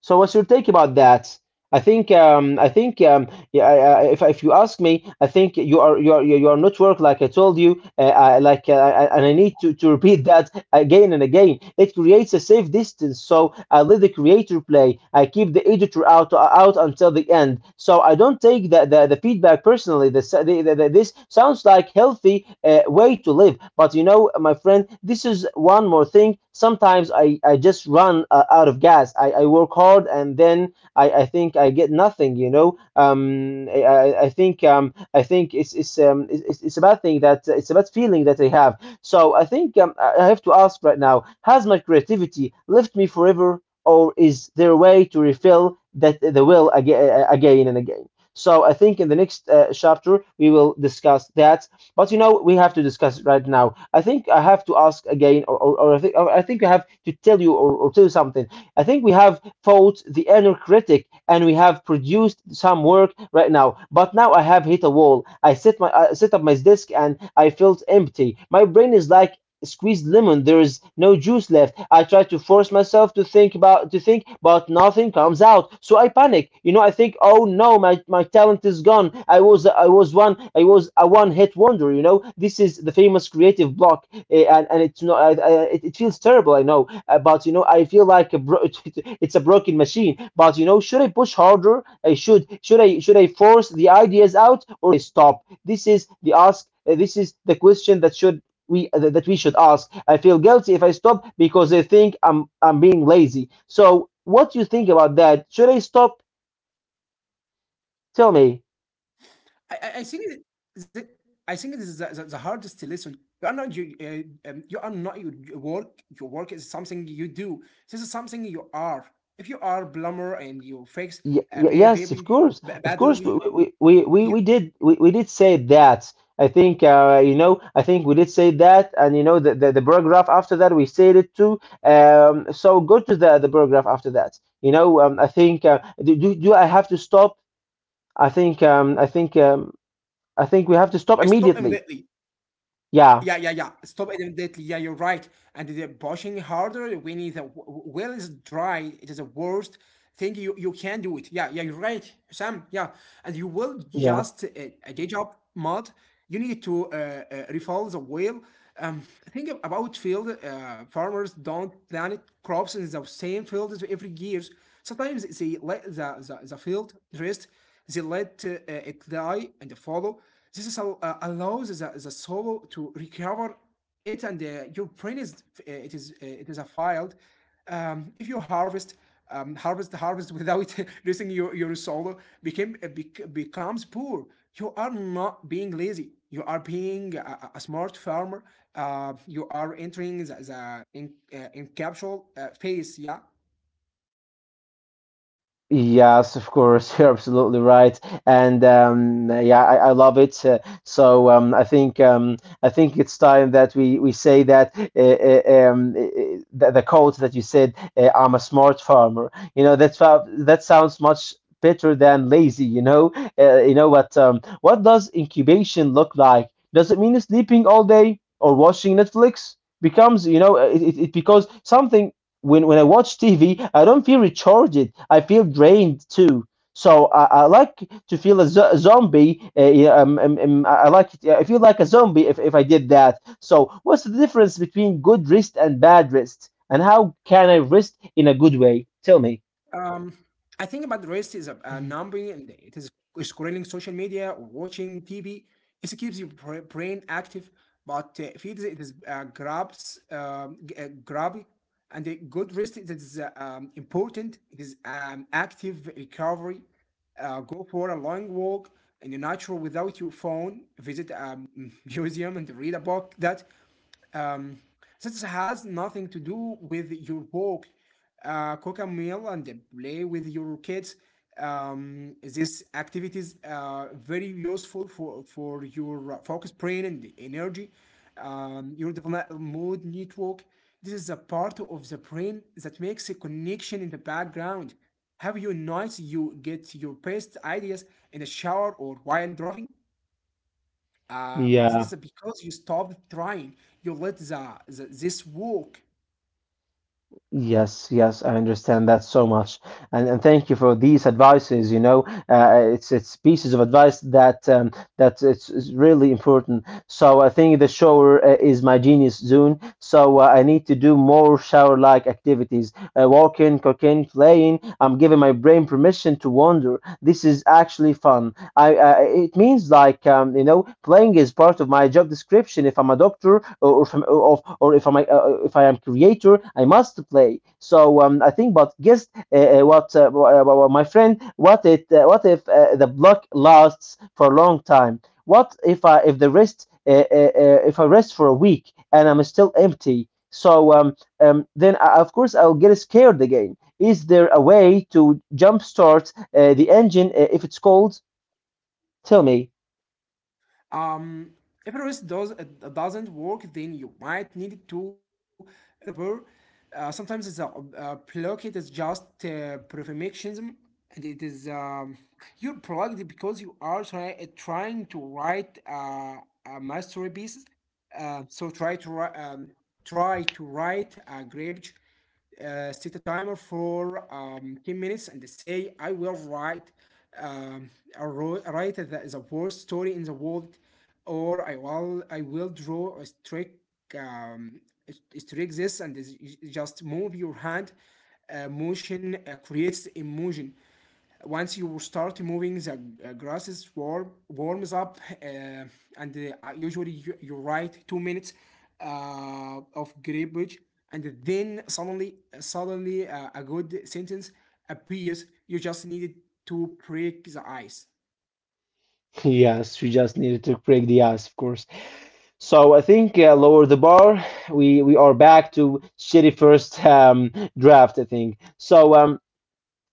A: So what's your take about that? I think um, I think um, yeah, I, I, if if you ask me, I think you are you are you are not work like I told you. Uh, I, like uh, I- and I need to, to repeat that again and again. It creates a safe distance, so I let the creator play. I keep the editor out out until the end. So I don't take the, the, the feedback personally. The, the, the, this sounds like healthy uh, way to live. But you know, my friend, this is one more thing. Sometimes I, I just run uh, out of gas. I, I work hard, and then I, I think I get nothing, you know. Um, I, I think um, I think it's it's, um, it's it's it's a bad thing that it's a bad feeling that I have. So I think um, I have to ask right now, has my creativity left me forever, or is there a way to refill that the will aga uh, again and again? So I think in the next uh, chapter we will discuss that. But you know, we have to discuss it right now. I think I have to ask again, or, or, or I think or I think I have to tell you or, or tell you something. I think we have fought the inner critic, and we have produced some work right now. But now I have hit a wall. I set my I set up my desk, and I felt empty. My brain is like squeezed lemon. There is no juice left. I try to force myself to think about to think, but nothing comes out. So I panic. You know, I think, oh no, my, my talent is gone. I was I was one I was a one hit wonder. You know, this is the famous creative block. Eh, and and it's not. I, I, it, it feels terrible. I know, uh, but you know, I feel like a bro- it's a broken machine. But you know, should I push harder? I should. Should I should I force the ideas out, or stop? This is the ask. uh, This is the question that should we uh, that we should ask. I feel guilty if I stop because they think I'm I'm being lazy. So, what do you think about that? Should I stop? Tell me.
B: I, I I think it, the, I think this is the, the, the hardest lesson. You are not you, uh, um, you are not your j- work. Your work is something you do. This is something you are. If you are plumber and you fix
A: Y-
B: a
A: y-
B: ba-
A: yes, of
B: baby
A: course,
B: ba-
A: of course. We
B: badly,
A: we we, we
B: you
A: we did we, we did say that. I think uh, you know. I think we did say that, and you know the, the, the paragraph after that we said it too. Um, so go to the the paragraph after that. You know. Um, I think uh, do, do do I have to stop? I think um, I think um, I think we have to
B: uh,
A: stop
B: stop
A: immediately.
B: immediately.
A: Yeah.
B: Yeah, yeah, yeah. Stop it immediately. Yeah, you're right. And they're pushing harder when the w- w- well is dry. It is the worst. Think you you can do it. Yeah, yeah, you're right, Sam. Yeah, and you will
A: Yeah.
B: just uh, a day job mod. You need to uh, uh, refill the well. Um, think ab- about field. Uh, farmers don't plant crops in the same field as every years. Sometimes they let the, the, the field rest. They let uh, uh, it die and follow. This is how, uh, allows the, the soil to recover it, and uh, you print is uh, it is uh, it is a file. Um, if you harvest um, harvest harvest without using your your soil became uh, bec- becomes poor. You are not being lazy. You are being a, a smart farmer. Uh, you are entering the, the in, uh, encapsule uh, phase. Yeah.
A: Yes, of course, you're absolutely right, and um, yeah, I, I love it. Uh, so um, I think um, I think it's time that we, we say that uh, uh, um, uh, uh, the, the quote that you said, uh, "I'm a smart farmer." You know that's how- that sounds much better than lazy. You know, uh, you know what? Um, what does incubation look like? Does it mean sleeping all day or watching Netflix? Becomes you know it, it, it because something when when I watch T V, I don't feel recharged. I feel drained too. So I, I like to feel a, zo- a zombie. Uh, yeah, um, um, um, I I like I feel like a zombie if, if I did that. So what's the difference between good rest and bad rest, and how can I rest in a good way? Tell me.
B: Um, I think about the rest is a, a number, and it is scrolling social media or watching T V. It keeps your bra- brain active, but uh, feeds it is it is uh, grabs, um, g- uh, grabby, and a good rest it is uh, um, important. It is um, active recovery. Uh, go for a long walk in the nature without your phone. Visit a um, museum and read a book that um, this has nothing to do with your work. Uh, cook a meal and play with your kids. Um, these activities are very useful for, for your focus, brain, and energy. Um, your development mood network. This is a part of the brain that makes a connection in the background. Have you noticed you get your best ideas in the shower or while driving? Um, this
A: Yeah.
B: is because you stopped trying. You let the, the this work.
A: Yes, yes, I understand that so much, and and thank you for these advices. You know, uh, it's it's pieces of advice that um, that it's, it's really important. So I think the shower uh, is my genius zone. So uh, I need to do more shower-like activities: uh, walking, cooking, playing. I'm giving my brain permission to wander. This is actually fun. I, I it means like um, you know playing is part of my job description. If I'm a doctor or or if I'm, or, or if I'm a, uh, if I am creator, I must play. So um, I think, but guess uh, uh, what, uh, wha- my friend? What it uh, what if uh, the block lasts for a long time? What if I if the rest uh, uh, uh, if I rest for a week and I'm still empty? So um, um, then I, of course I'll get scared again. Is there a way to jumpstart uh, the engine uh, if it's cold? Tell me.
B: Um, if it does uh, doesn't work, then you might need to do the burr. Uh, sometimes the uh, plug it is just uh, perfectionism, and it is um, you're plugged because you are try- trying to write uh, a masterpiece. Uh, so try to wri- um, try to write a garbage. Uh, set a timer for um, ten minutes and say I will write um, I wrote, write the, the worst story in the world, or I will I will draw a trick, um, a trick this and this. You just move your hand. Uh, motion uh, creates emotion. Once you start moving, the grasses warm, warms up, uh, and uh, usually you, you write two minutes uh, of garbage, and then suddenly suddenly uh, a good sentence appears. You just needed to break the ice.
A: Yes, we just needed to break the ice, of course. So I think uh, lower the bar. We we are back to shitty first um, draft, I think. So um,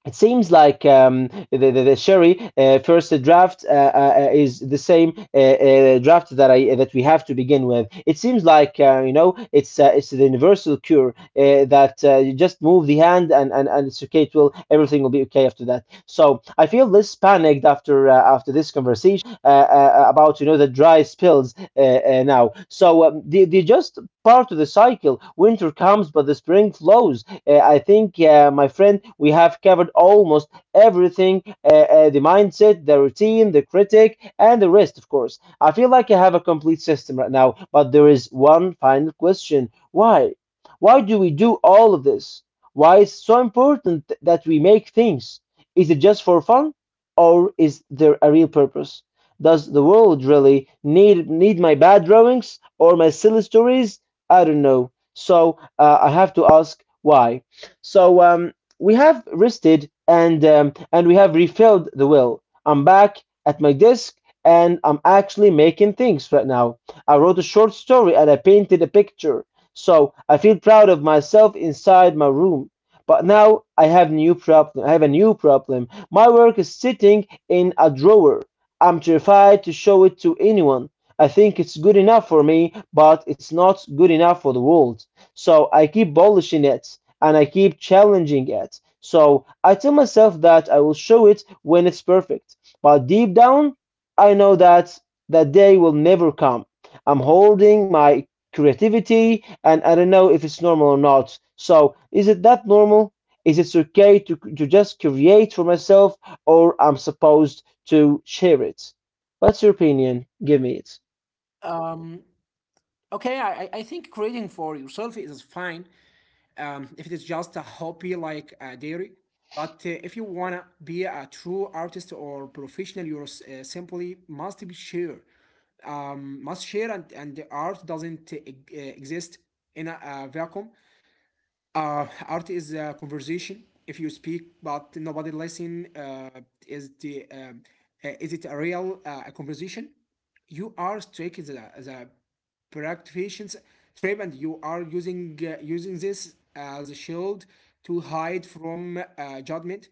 A: It seems like um, the, the, the Sherry uh, first draft uh, uh, is the same uh, uh, draft that I that we have to begin with. It seems like uh, you know it's uh, it's the universal cure uh, that uh, you just move the hand and, and, and it's okay. It will everything will be okay after that. So I feel less panicked after uh, after this conversation uh, uh, about you know the dry spills uh, uh, now. So um, they, they just part of the cycle. Winter comes, but the spring flows. Uh, I think, uh, my friend, we have covered almost everything uh, uh, the mindset, the routine, the critic, and the rest, of course. I feel like I have a complete system right now, but there is one final question why? Why do we do all of this? Why is so important th- that we make things? Is it just for fun, or is there a real purpose? Does the world really need need my bad drawings or my silly stories? I don't know. So uh, I have to ask why. So um, we have rested and um, and we have refilled the will. I'm back at my desk and I'm actually making things right now. I wrote a short story and I painted a picture. So I feel proud of myself inside my room. But now I have new problem. I have a new problem. My work is sitting in a drawer. I'm terrified to show it to anyone. I think it's good enough for me, but it's not good enough for the world. So I keep polishing it and I keep challenging it. So I tell myself that I will show it when it's perfect. But deep down, I know that that day will never come. I'm holding my creativity and I don't know if it's normal or not. So is it that normal? Is it okay to, to just create for myself or I'm supposed to share it? What's your opinion? Give me it.
B: um, okay, I, I I think creating for yourself is fine, um, if it is just a hobby like uh, dairy. But uh, if you wanna be a true artist or professional, you uh, simply must be share, um, must share, and, and the art doesn't uh, e- uh, exist in a, a vacuum. Uh, art is a conversation. If you speak but nobody listen, uh, is the um, uh, is it a real uh, a conversation? You are striking the, the practitioner's trap, and you are using uh, using this as a shield to hide from uh, judgment.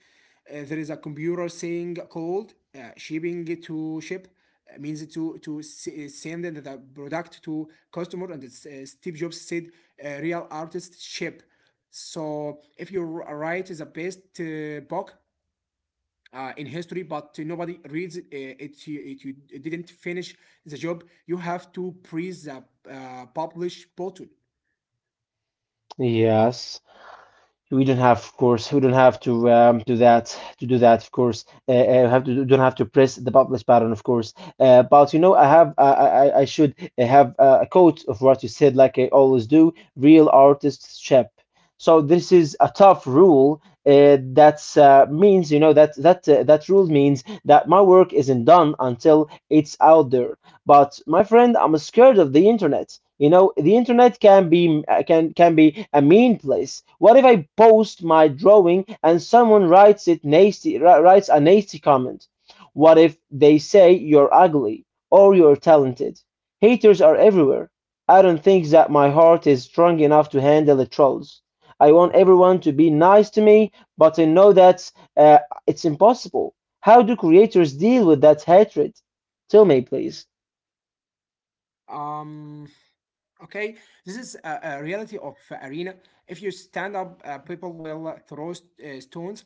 B: Uh, there is a computer saying called uh, shipping. To ship uh, means to to uh, send the product to customer, and it's, uh, Steve Jobs said uh, real artist ship. So if you write the best uh, book uh, in history, but nobody reads it, uh, it, you, it. You didn't finish the job. You have to press the uh, publish button.
A: Yes. We don't have, of course, we don't have to um, do that. To do that, of course, uh, uh, have to don't have to press the publish button, of course. Uh, but you know, I have, I, I, I should have uh, a quote of what you said, like I always do. Real artists chip. So this is a tough rule. Uh, that's uh, means you know that that uh, that rule means that my work isn't done until it's out there. But my friend, I'm scared of the internet. You know, the internet can be uh, can can be a mean place. What if I post my drawing and someone writes it nasty wri- writes a nasty comment? What if they say you're ugly or you're talented? Haters are everywhere. I don't think that my heart is strong enough to handle the trolls. I want everyone to be nice to me, but I know that uh, it's impossible. How do creators deal with that hatred? Tell me, please.
B: Um, Okay, this is a, a reality of uh, arena. If you stand up, uh, people will uh, throw st- uh, stones,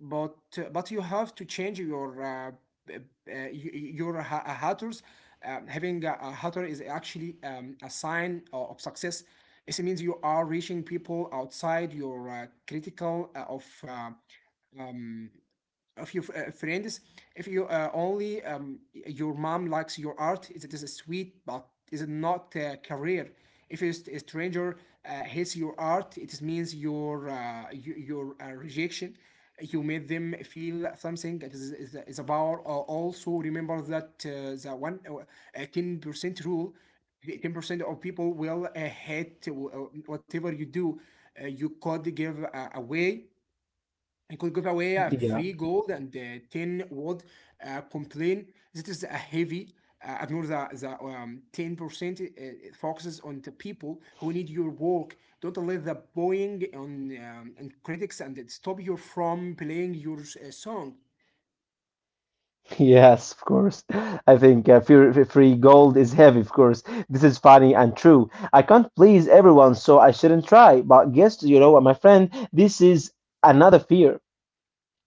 B: but uh, but you have to change your uh, b- uh, y- y- your ha- uh, hatters. Um, having a, a hatter is actually um, a sign o- of success. It means you are reaching people outside your uh, critical uh, of uh, of your uh, friends. If you uh, only um, your mom likes your art, it is a sweet, but is it not a career? If a st- a stranger uh, hates your art, it is means your uh, your, your uh, rejection. You made them feel something. That is, is, is a power. Al- also remember that uh, the one uh, ten percent rule. ten percent of people will uh, hate wh- uh, whatever you do. Uh, you could give uh, away, I could give away a
A: Yeah,
B: free gold, and uh, ten would uh, complain. This is a heavy. Uh, ignore the, the um, ten percent. It- it focuses on the people who need your work. Don't let the buying on um, and critics and it stop you from playing your uh, song.
A: yes, of course. I think uh, free, free free gold is heavy, of course. This is funny and true. I can't please everyone, so I shouldn't try. But guess, you know what, my friend, this is another fear.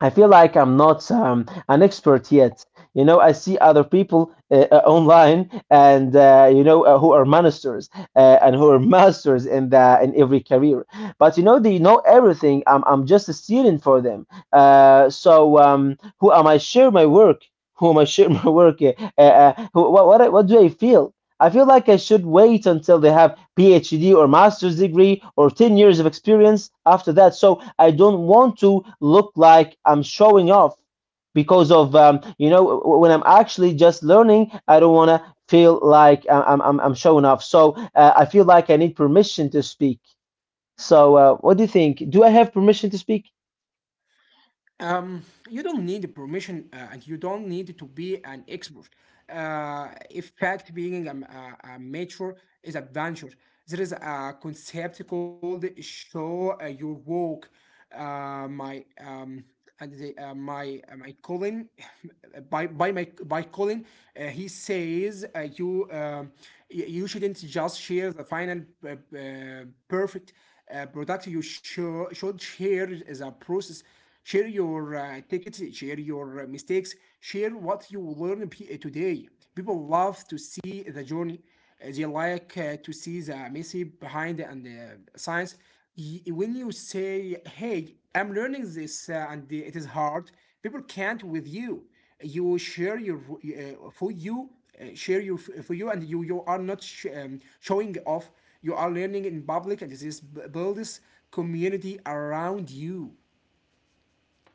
A: I feel like I'm not um, an expert yet. You know, I see other people uh, uh, online, and uh, you know, uh, who are ministers uh, and who are masters in the in every career. But you know, they know everything. I'm I'm just a student for them. Uh, so um, who am I? Share my work. Who am I? Share my work. Uh, uh, uh, who, what, what what do I feel? I feel like I should wait until they have PhD or master's degree or ten years of experience after that. So I don't want to look like I'm showing off because of um, you know when I'm actually just learning, I don't want to feel like I- I'm I'm, I'm showing off. So uh, I feel like I need permission to speak. So uh, what do you think? Do I have permission to speak?
B: Um, you don't need permission uh, and you don't need to be an expert. Uh, in fact, being a, a, a mature is a venture. There is a concept called show uh, your work. Uh, my um, and the, uh, my uh, my Colin, by by my by Colin, uh, he says uh, you um, y- you shouldn't just share the final uh, uh, perfect uh, product. You show, should share the process. Share your uh, tickets, share your uh, mistakes, share what you learned today. People love to see the journey. Uh, They like uh, to see the messy behind and the science. Y- When you say, "Hey, I'm learning this uh, and it is hard," people can't with you. You share your uh, for you, uh, share your f- for you, and you you are not sh- um, showing off. You are learning in public, and this builds community around you.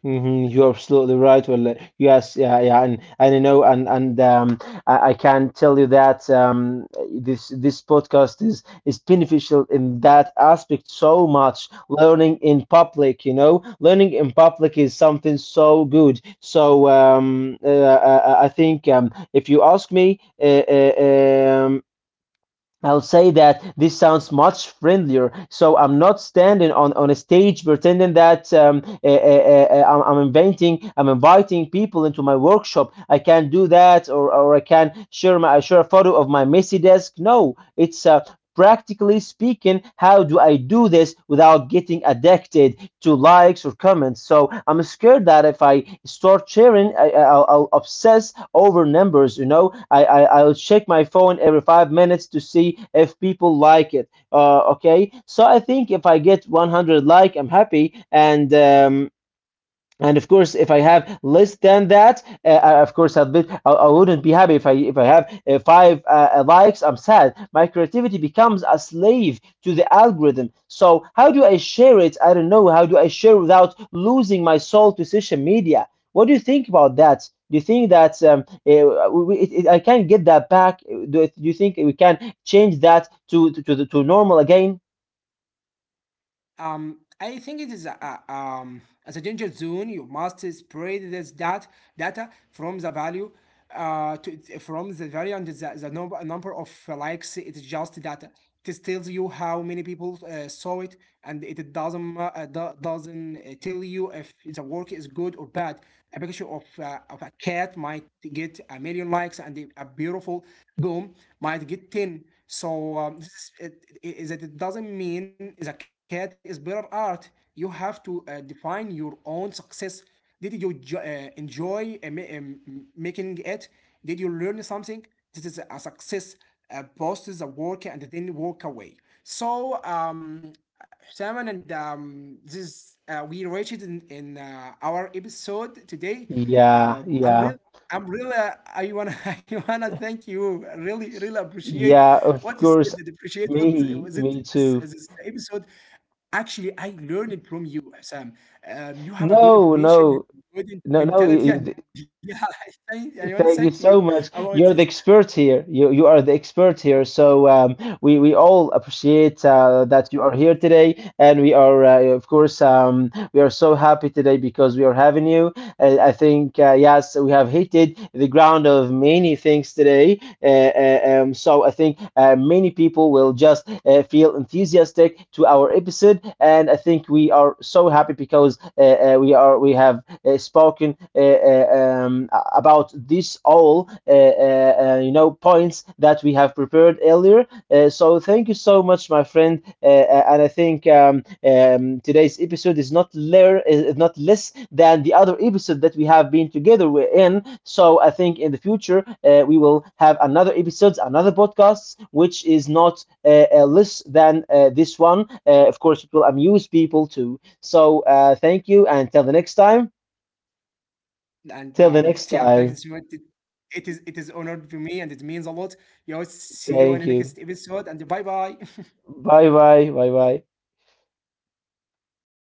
A: Hmm. You're absolutely right. Well, uh, yes, yeah, yeah, and and you know, and and um, I, I can tell you that um, this this podcast is is beneficial in that aspect so much. Learning in public, you know, learning in public is something so good. So um, uh, I, I I think um, if you ask me, uh, uh, um, I'll say that this sounds much friendlier. So I'm not standing on, on a stage pretending that um, eh, eh, eh, eh, I'm, I'm inventing, I'm inviting people into my workshop. I can not do that, or, or I can share my I share a photo of my messy desk. No, it's uh, practically speaking, how do I do this without getting addicted to likes or comments? So I'm scared that if I start sharing, I, I- will I'll obsess over numbers. You know, I, I I'll check my phone every five minutes to see if people like it. Uh, okay, so I think if I get one hundred like, I'm happy, and um, and of course, if I have less than that, uh, I- of course, I'll be, I, I wouldn't be happy if I if I have uh, five uh, uh, likes. I'm sad. My creativity becomes a slave to the algorithm. So how do I share it? I don't know. How do I share without losing my soul to social media? What do you think about that? Do you think that um, uh, it, it, I can get that back? Do, do you think we can change that to to, to, to normal again?
B: Um, I think it is a, a- um, as a danger zone. You must spread this dat data from the value uh, to, from the value and the, the number, number of likes. It's just data. It tells you how many people uh, saw it, and it doesn't uh, do- doesn't uh, tell you if the work is good or bad. A picture of uh, of a cat might get a million likes, and a beautiful boom might get ten. So um, this is, it, it, is that it doesn't mean the cat is better art. You have to uh, define your own success. Did you jo- uh, enjoy uh, ma- um, making it? Did you learn something? This is a success. Uh, post the work and then walk away. So, um, Simon and um, this uh, we reached in, in uh, our episode today.
A: Yeah,
B: Um, I'm real.
A: yeah.
B: I'm really. Uh, I wanna. I wanna thank you. I Really, really
A: S-
B: appreciate
A: Yeah,
B: what you
A: of
B: said.
A: course.
B: and appreciate what
A: Me,
B: was it
A: me
B: this uh,
A: too.
B: this episode. Actually, I learned it from you, Sam. Um, you have a good
A: No,
B: information,
A: no,
B: good in-
A: no, no. you-
B: mentality,
A: you
B: and
A: d-
B: yeah, I, thank- I want to thank you
A: Thank you so
B: about
A: much.
B: this.
A: You're the expert here. You you are the expert here. So um, we we all appreciate uh, that you are here today, and we are uh, of course um, we are so happy today because we are having you. Uh, I think uh, yes, we have hit the ground of many things today. Uh, uh, um, so I think uh, many people will just uh, feel enthusiastic to our episode, and I think we are so happy because uh, uh, we are we have uh, spoken uh, uh, um, about this all uh, uh, uh, you know points that we have prepared earlier uh, so thank you so much, my friend. Uh, uh, and I think um, um, today's episode is not ler- is not less than the other episode that we have been together wi- in. So I think in the future uh, we will have another episodes, another podcasts, which is not uh, uh, less than uh, this one. Uh, of course, it will amuse people too. So uh, thank you, and till the next time.
B: And um,
A: Till the
B: yeah,
A: next
B: thanks to
A: time.
B: it. It is it is honored for me and it means a lot. Yo, see you in the
A: Thank
B: next
A: you.
B: episode and bye bye.
A: Bye bye. Bye bye.